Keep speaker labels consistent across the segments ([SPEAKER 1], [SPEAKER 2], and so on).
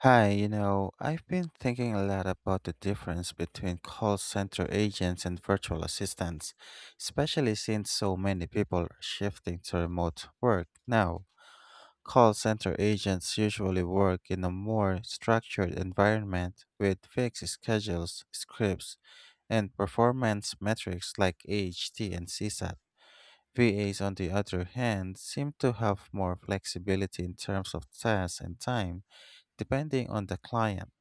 [SPEAKER 1] Hi, I've been thinking a lot about the difference between call center agents and virtual assistants, especially since so many people are shifting to remote work now. Call center agents usually work in a more structured environment with fixed schedules, scripts, and performance metrics like AHT and CSAT. VAs, on the other hand, seem to have more flexibility in terms of tasks and time, depending on the client.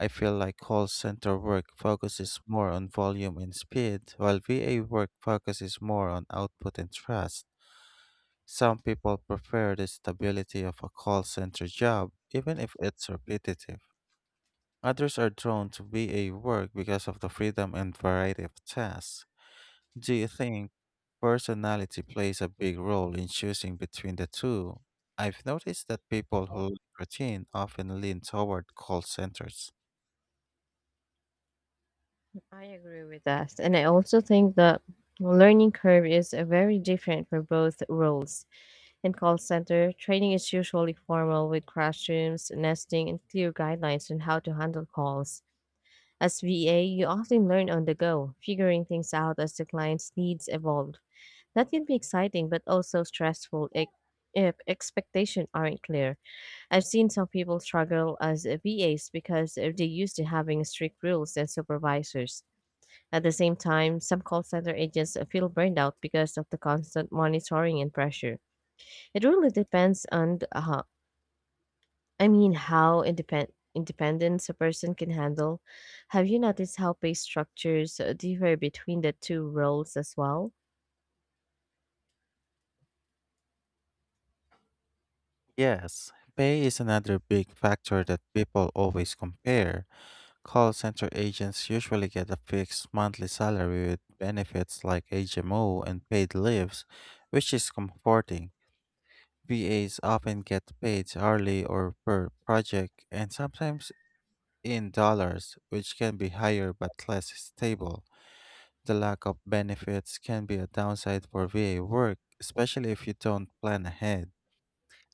[SPEAKER 1] I feel like call center work focuses more on volume and speed, while VA work focuses more on output and trust. Some people prefer the stability of a call center job, even if it's repetitive. Others are drawn to VA work because of the freedom and variety of tasks. Do you think personality plays a big role in choosing between the two? I've noticed that people who like routine often lean toward call centers.
[SPEAKER 2] I agree with that. And I also think the learning curve is very different for both roles. In call center, training is usually formal with classrooms, nesting, and clear guidelines on how to handle calls. As VA, you often learn on the go, figuring things out as the client's needs evolve. That can be exciting, but also stressful if expectations aren't clear. I've seen some people struggle as VAs because they're used to having strict rules and supervisors. At the same time, some call center agents feel burned out because of the constant monitoring and pressure. It really depends on, how independent independence a person can handle. Have you noticed how pay structures differ between the two roles as well?
[SPEAKER 1] Yes, pay is another big factor that people always compare. Call center agents usually get a fixed monthly salary with benefits like HMO and paid leaves, which is comforting. VAs often get paid hourly or per project and sometimes in dollars, which can be higher but less stable. The lack of benefits can be a downside for VA work, especially if you don't plan ahead.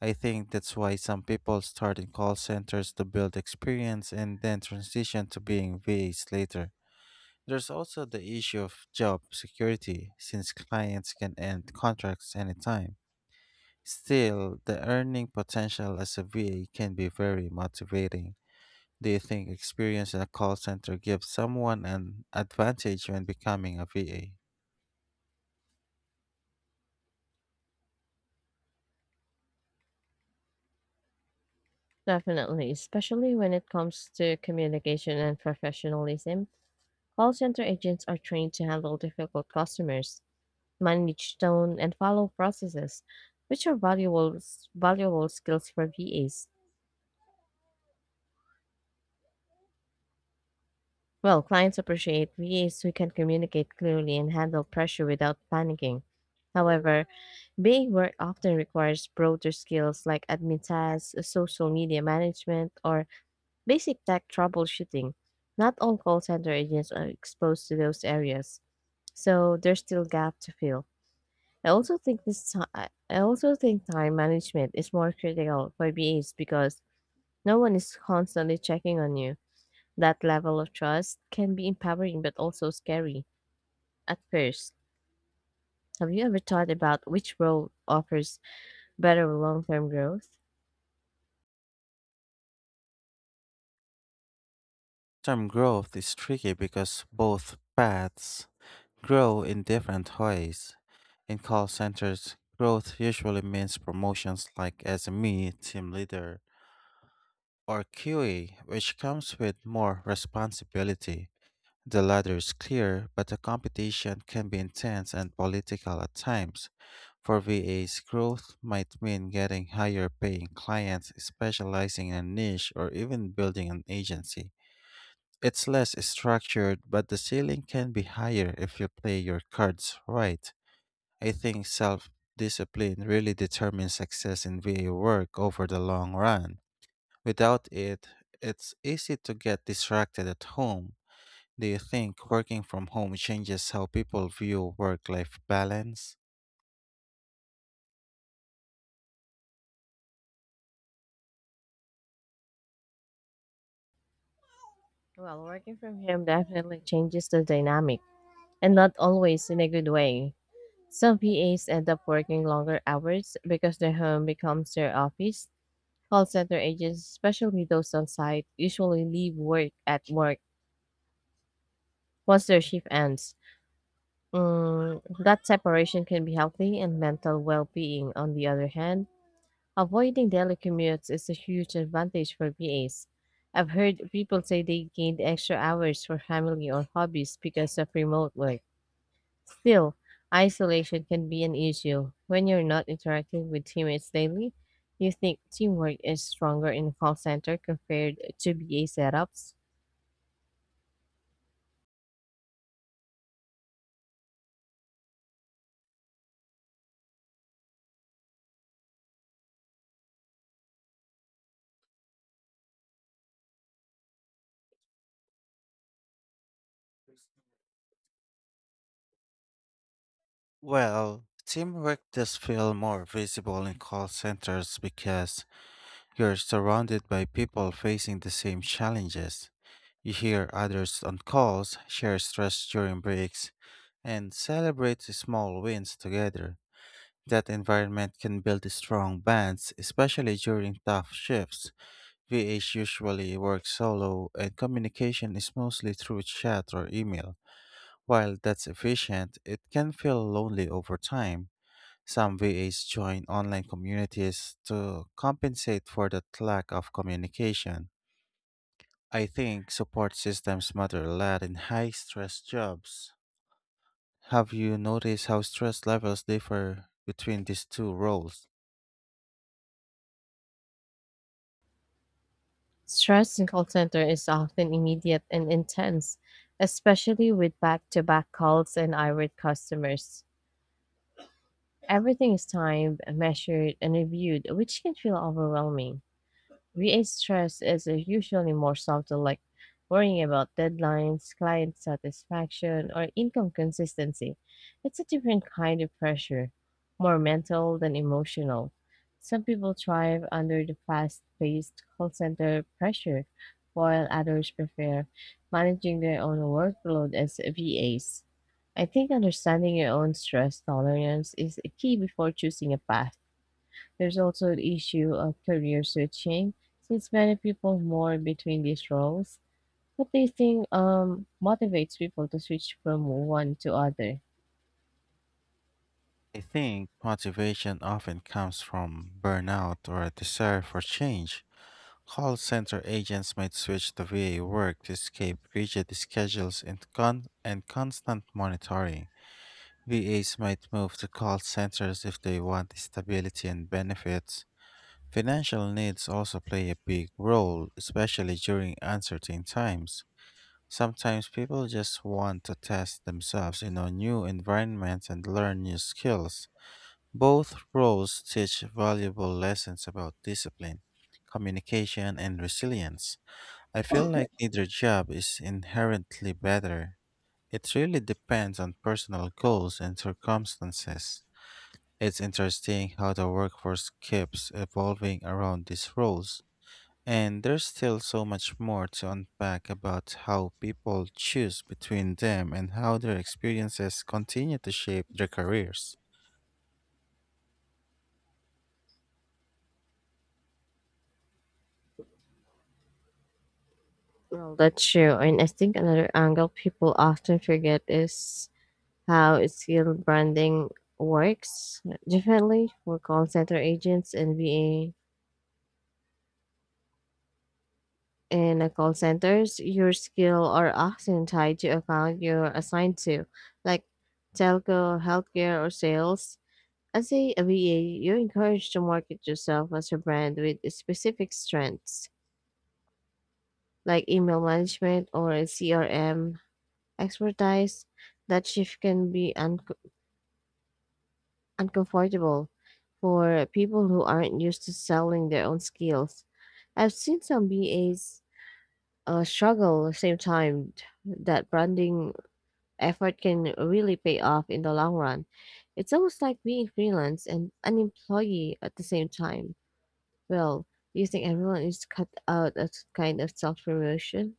[SPEAKER 1] I think that's why some people start in call centers to build experience and then transition to being VAs later. There's also the issue of job security, since clients can end contracts anytime. Still, the earning potential as a VA can be very motivating. Do you think experience in a call center gives someone an advantage when becoming a VA?
[SPEAKER 2] Definitely, especially when it comes to communication and professionalism. Call center agents are trained to handle difficult customers, manage tone, and follow processes, which are valuable skills for VAs. Well, clients appreciate VAs who can communicate clearly and handle pressure without panicking. However, BA work often requires broader skills like admin tasks, social media management, or basic tech troubleshooting. Not all call center agents are exposed to those areas, so there's still gap to fill. I also think this ti- I also think time management is more critical for BAs because no one is constantly checking on you. That level of trust can be empowering but also scary at first. Have you ever thought about which role offers better long term growth?
[SPEAKER 1] Term growth is tricky because both paths grow in different ways. In call centers, growth usually means promotions like SME, team leader, or QA, which comes with more responsibility. The ladder is clear, but the competition can be intense and political at times. For VAs, growth might mean getting higher paying clients, specializing in a niche, or even building an agency. It's less structured, but the ceiling can be higher if you play your cards right. I think self discipline really determines success in VA work over the long run. Without it, it's easy to get distracted at home. Do you think working from home changes how people view work life balance?
[SPEAKER 2] Well, working from home definitely changes the dynamic, and not always in a good way. Some PAs end up working longer hours because their home becomes their office. Call center agents, especially those on site, usually leave work at work once their shift ends. That separation can be healthy and mental well being. On the other hand, avoiding daily commutes is a huge advantage for VAs. I've heard people say they gained extra hours for family or hobbies because of remote work. Still, isolation can be an issue when you're not interacting with teammates daily. Do you think teamwork is stronger in call center compared to BA setups?
[SPEAKER 1] Well, teamwork does feel more visible in call centers because you're surrounded by people facing the same challenges. You hear others on calls, share stress during breaks, and celebrate the small wins together. That environment can build strong bonds, especially during tough shifts. VH usually works solo, and communication is mostly through chat or email. While that's efficient, it can feel lonely over time. Some VAs join online communities to compensate for that lack of communication. I think support systems matter a lot in high stress jobs. Have you noticed how stress levels differ between these two roles?
[SPEAKER 2] Stress in call center is often immediate and intense, especially with back to back calls and irate customers. Everything is timed, measured, and reviewed, which can feel overwhelming. VA stress is usually more subtle, like worrying about deadlines, client satisfaction, or income consistency. It's a different kind of pressure, more mental than emotional. Some people thrive under the fast paced call center pressure, while others prefer managing their own workload as VAs. I think understanding your own stress tolerance is a key before choosing a path. There's also the issue of career switching, since many people mourn between these roles. What do you think motivates people to switch from one to other?
[SPEAKER 1] I think motivation often comes from burnout or a desire for change. Call center agents might switch to VA work to escape rigid schedules and constant monitoring. VAs might move to call centers if they want stability and benefits. Financial needs also play a big role, especially during uncertain times. Sometimes people just want to test themselves in a new environment and learn new skills. Both roles teach valuable lessons about discipline, communication, and resilience. I feel like neither job is inherently better. It really depends on personal goals and circumstances. It's interesting how the workforce keeps evolving around these roles. And there's still so much more to unpack about how people choose between them and how their experiences continue to shape their careers.
[SPEAKER 2] Well, that's true. And I think another angle people often forget is how skill branding works differently for call center agents and being in a call centers, your skill are often tied to account you're assigned to, like telco, healthcare, or sales. As a VA, you're encouraged to market yourself as a brand with specific strengths, like email management or a CRM expertise. That shift can be uncomfortable for people who aren't used to selling their own skills. I've seen some BAs struggle. At the same time, that branding effort can really pay off in the long run. It's almost like being freelance and an employee at the same time. Well, do you think everyone is cut out of kind of self-promotion?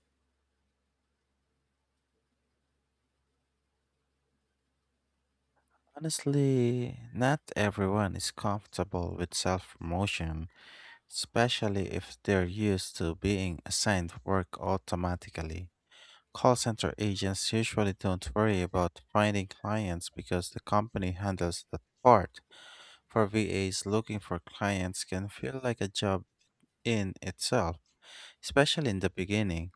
[SPEAKER 1] Honestly, not everyone is comfortable with self promotion, especially if they're used to being assigned work automatically. Call center agents usually don't worry about finding clients because the company handles that part. For VAs, looking for clients can feel like a job in itself, especially in the beginning.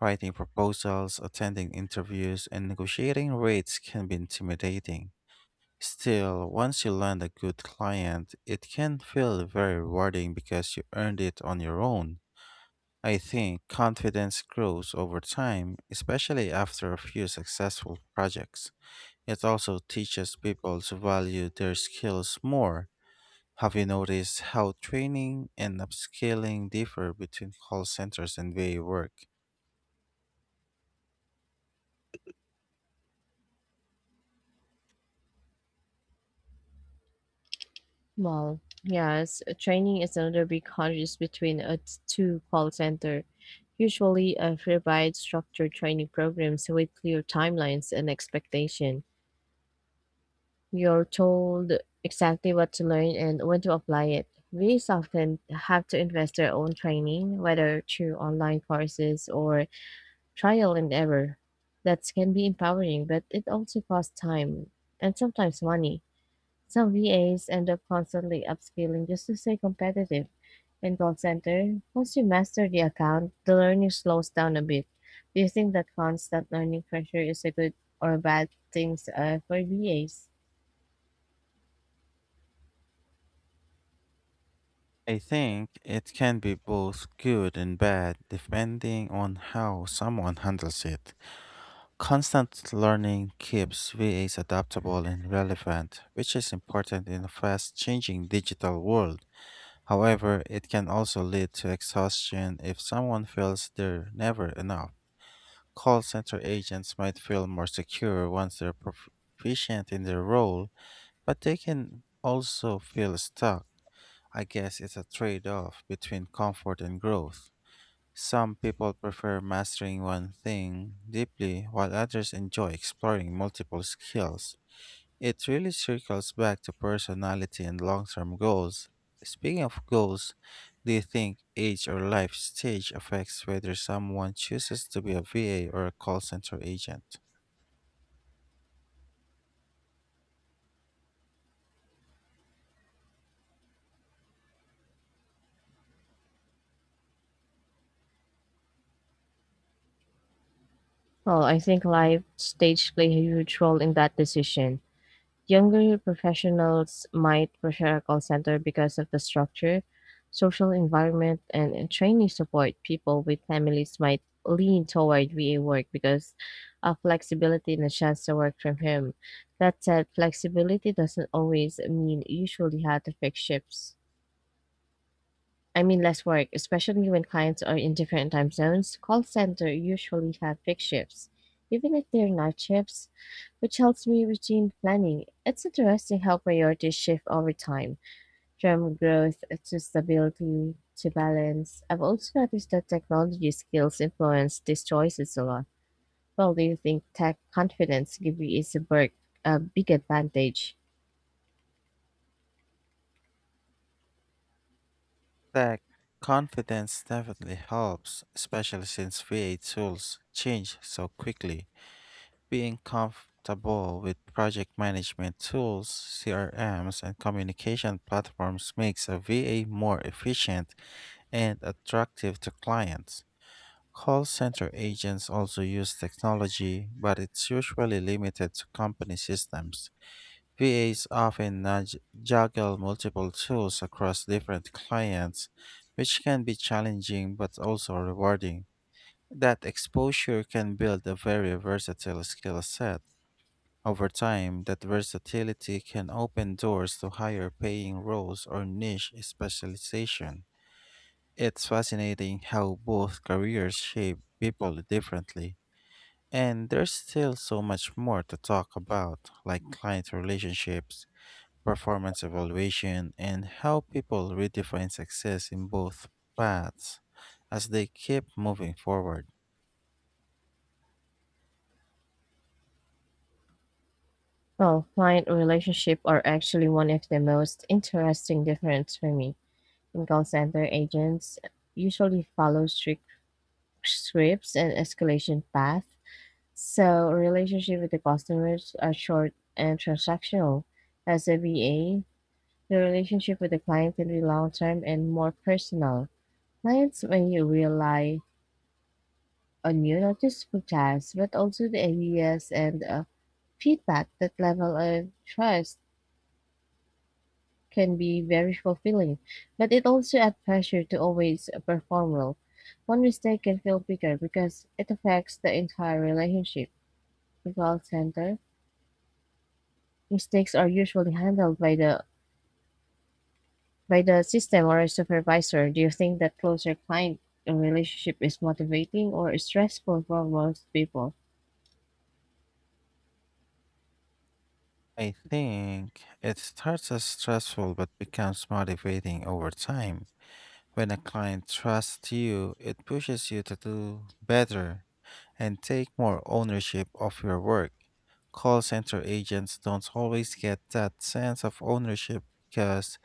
[SPEAKER 1] Writing proposals, attending interviews, and negotiating rates can be intimidating. Still, once you land a good client, it can feel very rewarding because you earned it on your own. I think confidence grows over time, especially after a few successful projects. It also teaches people to value their skills more. Have you noticed how training and upskilling differ between call centers and VA work?
[SPEAKER 2] Well, yes, training is another big contrast between two call center. Usually, provide structured training programs with clear timelines and expectation. You're told exactly what to learn and when to apply it. These often have to invest their own training, whether through online courses or trial and error. That can be empowering, but it also costs time and sometimes money. Some VAs end up constantly upskilling just to stay competitive. In call center, once you master the account, the learning slows down a bit. Do you think that constant learning pressure is a good or a bad thing for VAs?
[SPEAKER 1] I think it can be both good and bad depending on how someone handles it. Constant learning keeps VAs adaptable and relevant, which is important in a fast changing digital world. However, it can also lead to exhaustion if someone feels they're never enough. Call center agents might feel more secure once they're proficient in their role, but they can also feel stuck. I guess it's a trade off between comfort and growth. Some people prefer mastering one thing deeply, while others enjoy exploring multiple skills. It really circles back to personality and long term goals. Speaking of goals, do you think age or life stage affects whether someone chooses to be a VA or a call center agent?
[SPEAKER 2] Well, I think life stage play a huge role in that decision. Younger professionals might prefer a call center because of the structure, social environment, and training support. People with families might lean toward VA work because of flexibility and a chance to work from home. That said, flexibility doesn't always mean usually how to fix shifts. I mean, less work, especially when clients are in different time zones. Call center usually have fixed shifts, even if they're night shifts, which helps me routine planning. It's interesting how priorities shift over time, from growth to stability to balance. I've also noticed that technology skills influence these choices a lot. Well, do you think tech confidence give you is a big advantage?
[SPEAKER 1] Tech confidence definitely helps, especially since VA tools change so quickly. Being comfortable with project management tools, CRMs, and communication platforms makes a VA more efficient and attractive to clients. Call center agents also use technology, but it's usually limited to company systems. VAs often juggle multiple tools across different clients, which can be challenging but also rewarding. That exposure can build a very versatile skill set. Over time, that versatility can open doors to higher paying roles or niche specialization. It's fascinating how both careers shape people differently. And there's still so much more to talk about, like client relationships, performance evaluation, and how people redefine success in both paths as they keep moving forward.
[SPEAKER 2] Well, client relationship are actually one of the most interesting difference for me. In call center, agents usually follow strict scripts and escalation path. So relationship with the customers are short and transactional. As a VA, the relationship with the client can be long term and more personal. Clients may rely on you not just for tasks, but also the ideas and feedback. That level of trust can be very fulfilling, but it also adds pressure to always perform well. One mistake can feel bigger because it affects the entire relationship. In call center, mistakes are usually handled by the system or a supervisor. Do you think that closer client relationship is motivating or stressful for most people?
[SPEAKER 1] I think it starts as stressful but becomes motivating over time. When a client trusts you, it pushes you to do better and take more ownership of your work. Call center agents don't always get that sense of ownership because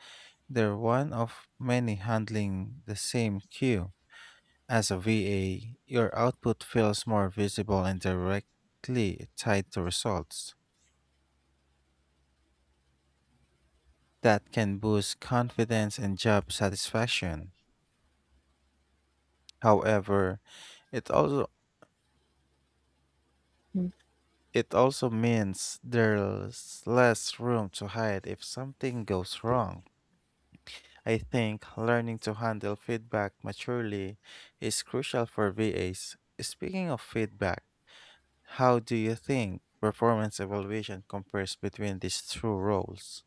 [SPEAKER 1] they're one of many handling the same queue. As a VA, your output feels more visible and directly tied to results. That can boost confidence and job satisfaction. However, it also
[SPEAKER 2] Hmm.
[SPEAKER 1] it also means there's less room to hide if something goes wrong. I think learning to handle feedback maturely is crucial for VAs. Speaking of feedback, how do you think performance evaluation compares between these two roles?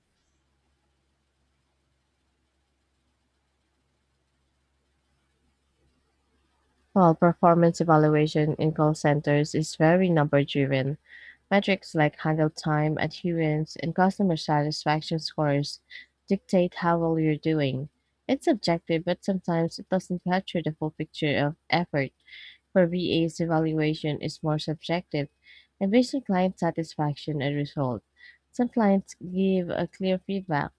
[SPEAKER 2] Well, performance evaluation in call centers is very number driven. Metrics like handle time, adherence, and customer satisfaction scores dictate how well you're doing. It's subjective, but sometimes it doesn't capture the full picture of effort, where VA's evaluation is more subjective and based on client satisfaction and result. Some clients give a clear feedback,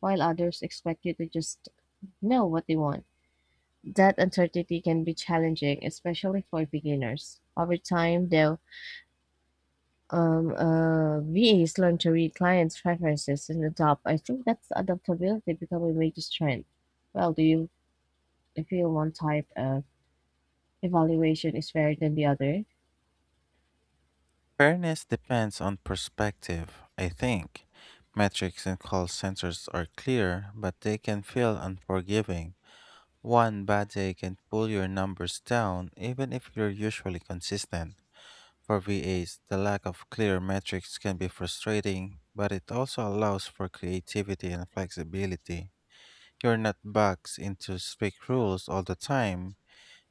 [SPEAKER 2] while others expect you to just know what they want. That uncertainty can be challenging, especially for beginners. Over time, though, VAs learn to read clients' preferences and adapt. I think that's adaptability becoming a major strength. Well, do you feel one type of evaluation is fairer than the other?
[SPEAKER 1] Fairness depends on perspective, I think. Metrics in call centers are clear, but they can feel unforgiving. One bad day can pull your numbers down, even if you're usually consistent. For VAs, the lack of clear metrics can be frustrating, but it also allows for creativity and flexibility. You're not boxed into strict rules all the time.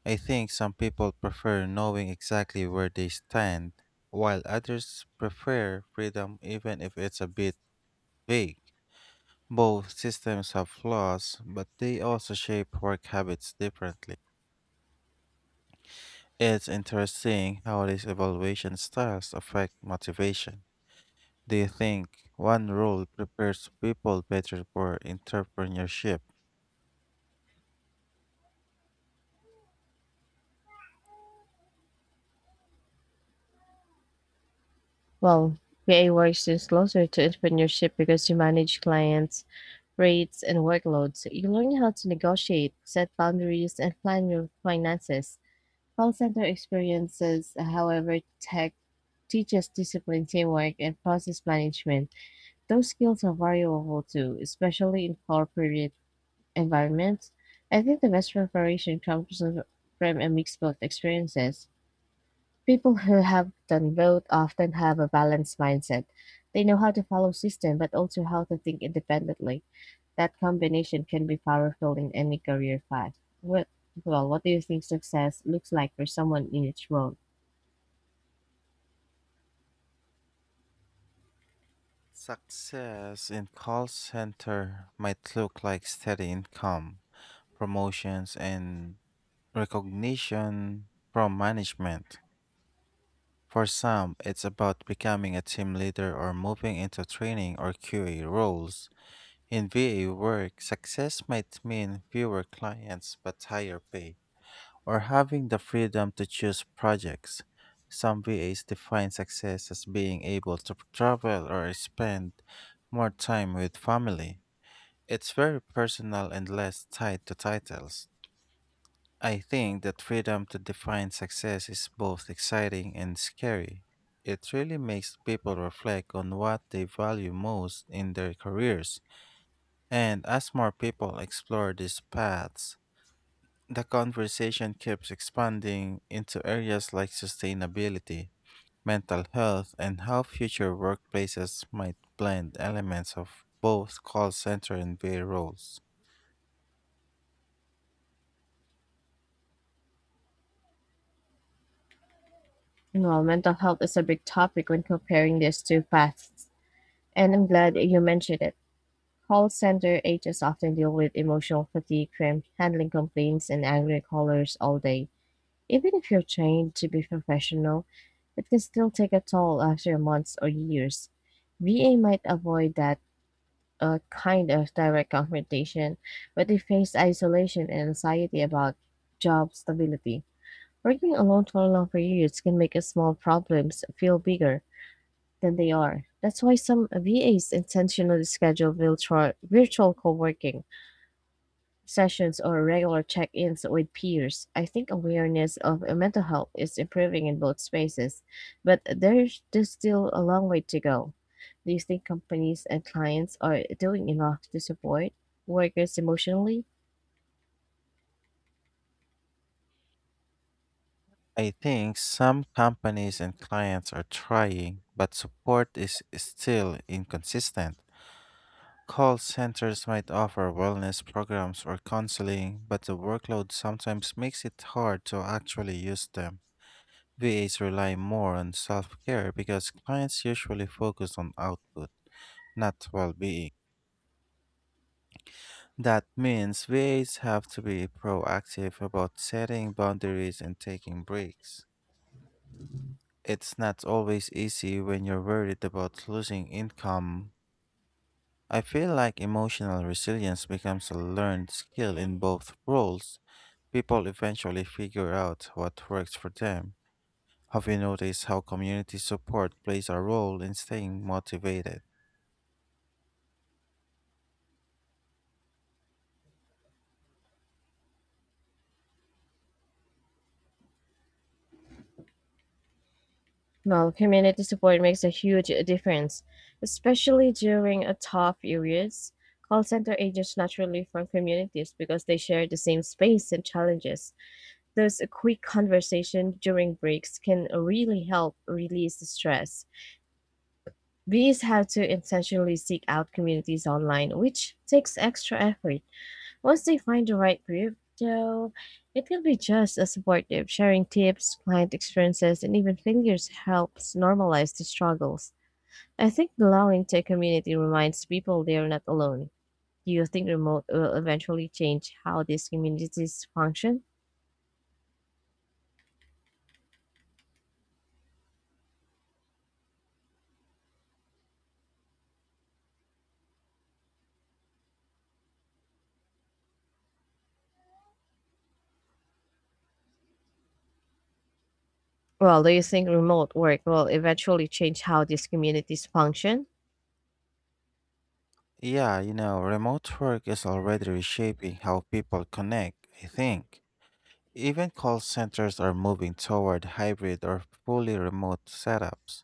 [SPEAKER 1] I think some people prefer knowing exactly where they stand, while others prefer freedom even if it's a bit vague. Both systems have flaws, but they also shape work habits differently. It's interesting how these evaluation styles affect motivation. Do you think one role prepares people better for entrepreneurship?
[SPEAKER 2] Well, VA works is closer to entrepreneurship because you manage clients, rates, and workloads. You learn how to negotiate, set boundaries, and plan your finances. Call center experiences, however, tech teaches discipline, teamwork, and process management. Those skills are valuable too, especially in corporate environments. I think the best preparation comes from a mix of both experiences. People who have done both often have a balanced mindset. They know how to follow system, but also how to think independently. That combination can be powerful in any career path. What, what do you think success looks like for someone in each role?
[SPEAKER 1] Success in call center might look like steady income, promotions, and recognition from management. For some, it's about becoming a team leader or moving into training or QA roles. In VA work, success might mean fewer clients but higher pay, or having the freedom to choose projects. Some VAs define success as being able to travel or spend more time with family. It's very personal and less tied to titles. I think that freedom to define success is both exciting and scary. It really makes people reflect on what they value most in their careers. And as more people explore these paths, the conversation keeps expanding into areas like sustainability, mental health, and how future workplaces might blend elements of both call center and VA roles.
[SPEAKER 2] Well, mental health is a big topic when comparing these two paths, and I'm glad you mentioned it. Call center agents often deal with emotional fatigue from handling complaints and angry callers all day. Even if you're trained to be professional, it can still take a toll after months or years. VA might avoid that kind of direct confrontation, but they face isolation and anxiety about job stability. Working alone for long periods can make small problems feel bigger than they are. That's why some VAs intentionally schedule virtual co working sessions or regular check-ins with peers. I think awareness of mental health is improving in both spaces, but there's just still a long way to go. Do you think companies and clients are doing enough to support workers emotionally?
[SPEAKER 1] I think some companies and clients are trying, but support is still inconsistent. Call centers might offer wellness programs or counseling, but the workload sometimes makes it hard to actually use them. VAs rely more on self care because clients usually focus on output, not well being. That means VAs have to be proactive about setting boundaries and taking breaks. It's not always easy when you're worried about losing income. I feel like emotional resilience becomes a learned skill in both roles. People eventually figure out what works for them. Have you noticed how community support plays a role in staying motivated?
[SPEAKER 2] Well, community support makes a huge difference, especially during a tough periods. Call center agents naturally form communities because they share the same space and challenges. Thus, a quick conversation during breaks can really help release the stress. Bees have to intentionally seek out communities online, which takes extra effort. Once they find the right group, though, it can be just as supportive. Sharing tips, client experiences, and even failures helps normalize the struggles. I think belonging to a community reminds people they are not alone. Do you think remote will eventually change how these communities function? Well, do you think remote work will eventually change how these communities function?
[SPEAKER 1] Yeah, remote work is already reshaping how people connect, I think. Even call centers are moving toward hybrid or fully remote setups.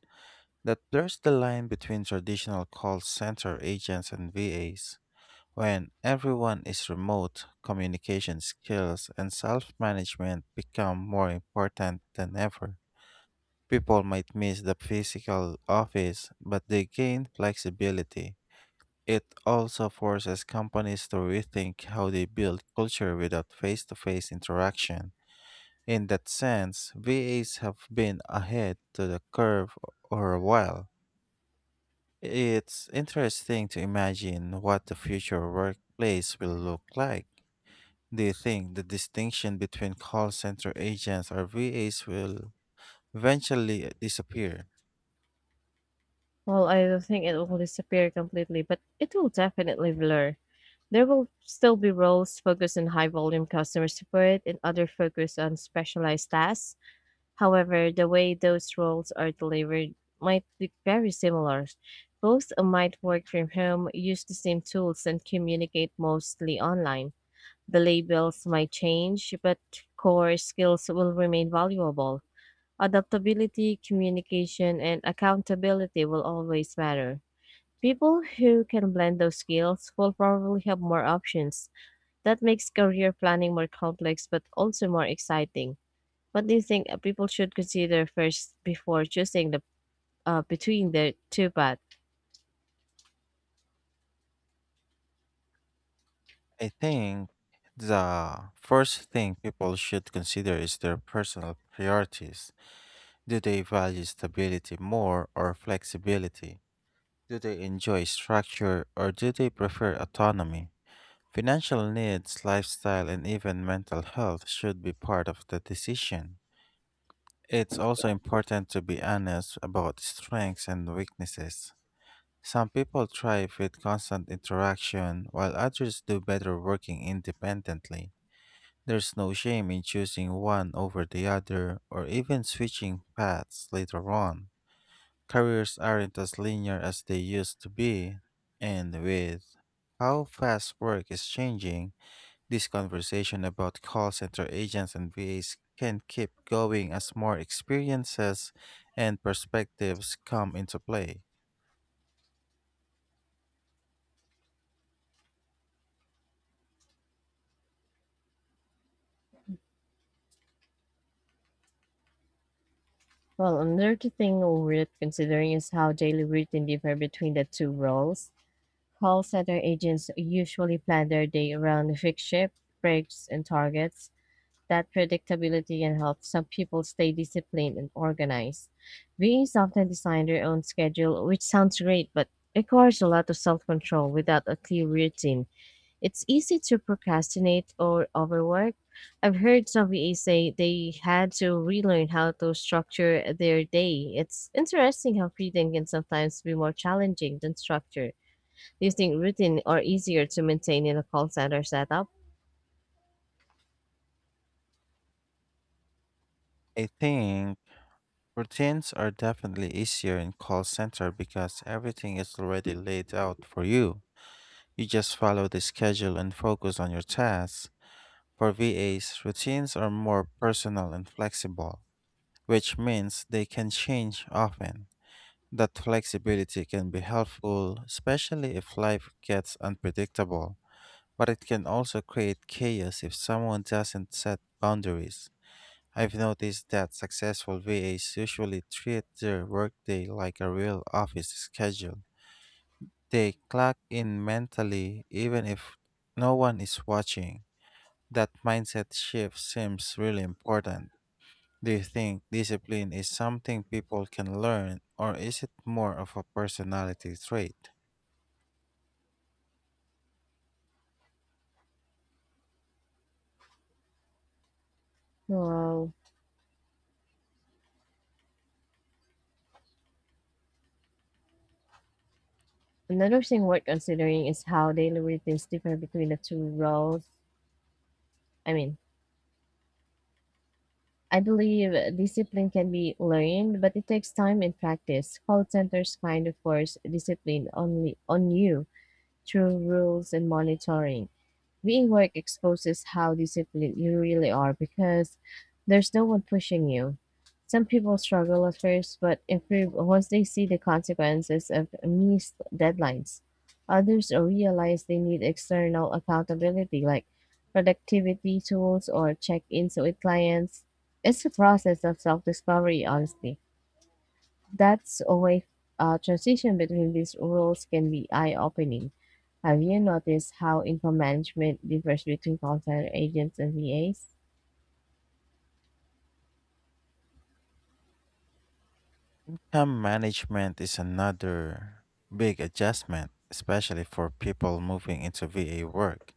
[SPEAKER 1] That blurs the line between traditional call center agents and VAs. When everyone is remote, communication skills and self management become more important than ever. People might miss the physical office, but they gain flexibility. It also forces companies to rethink how they build culture without face to face interaction. In that sense, VAs have been ahead to the curve for a while. It's interesting to imagine what the future workplace will look like. Do you think the distinction between call center agents or VAs will eventually disappear?
[SPEAKER 2] Well, I don't think it will disappear completely, but it will definitely blur. There will still be roles focused on high volume customer support and other focused on specialized tasks. However, the way those roles are delivered might be very similar. Both might work from home, use the same tools, and communicate mostly online. The labels might change, but core skills will remain valuable. Adaptability, communication, and accountability will always matter. People who can blend those skills will probably have more options. That makes career planning more complex but also more exciting. What do you think people should consider first before choosing the between the two paths?
[SPEAKER 1] I think the first thing people should consider is their personal priorities. Do they value stability more or flexibility? Do they enjoy structure or do they prefer autonomy? Financial needs, lifestyle, and even mental health should be part of the decision. It's also important to be honest about strengths and weaknesses. Some people thrive with constant interaction, while others do better working independently. There's no shame in choosing one over the other or even switching paths later on. Careers aren't as linear as they used to be, and with how fast work is changing, this conversation about call center agents and VAs can keep going as more experiences and perspectives come into play.
[SPEAKER 2] Well, another thing worth considering is how daily routine differ between the two roles. Call center agents usually plan their day around fixed shift, breaks, and targets. That predictability can help some people stay disciplined and organized. VAs often design their own schedule, which sounds great, but requires a lot of self control without a clear routine. It's easy to procrastinate or overwork. I've heard some VAs say they had to relearn how to structure their day. It's interesting how freedom can sometimes be more challenging than structure. Do you think routine are easier to maintain in a call center setup?
[SPEAKER 1] I think routines are definitely easier in call center because everything is already laid out for you. You just follow the schedule and focus on your tasks. For VAs, routines are more personal and flexible, which means they can change often. That flexibility can be helpful, especially if life gets unpredictable, but it can also create chaos if someone doesn't set boundaries. I've noticed that successful VAs usually treat their workday like a real office schedule. They clock in mentally even if no one is watching. That mindset shift seems really important. Do you think discipline is something people can learn, or is it more of a personality trait?
[SPEAKER 2] Wow. Another thing worth considering is how daily routines differ between the two roles. I mean, I believe discipline can be learned, but it takes time and practice. Call centers kind of force discipline only on you through rules and monitoring. Being work exposes how disciplined you really are because there's no one pushing you. Some people struggle at first but improve once they see the consequences of missed deadlines. Others realize they need external accountability like productivity tools or check ins with clients. It's a process of self discovery, honestly. That's why transition between these roles can be eye-opening. Have you noticed how info management differs between call center agents and VAs?
[SPEAKER 1] Time management is another big adjustment, especially for people moving into VA work.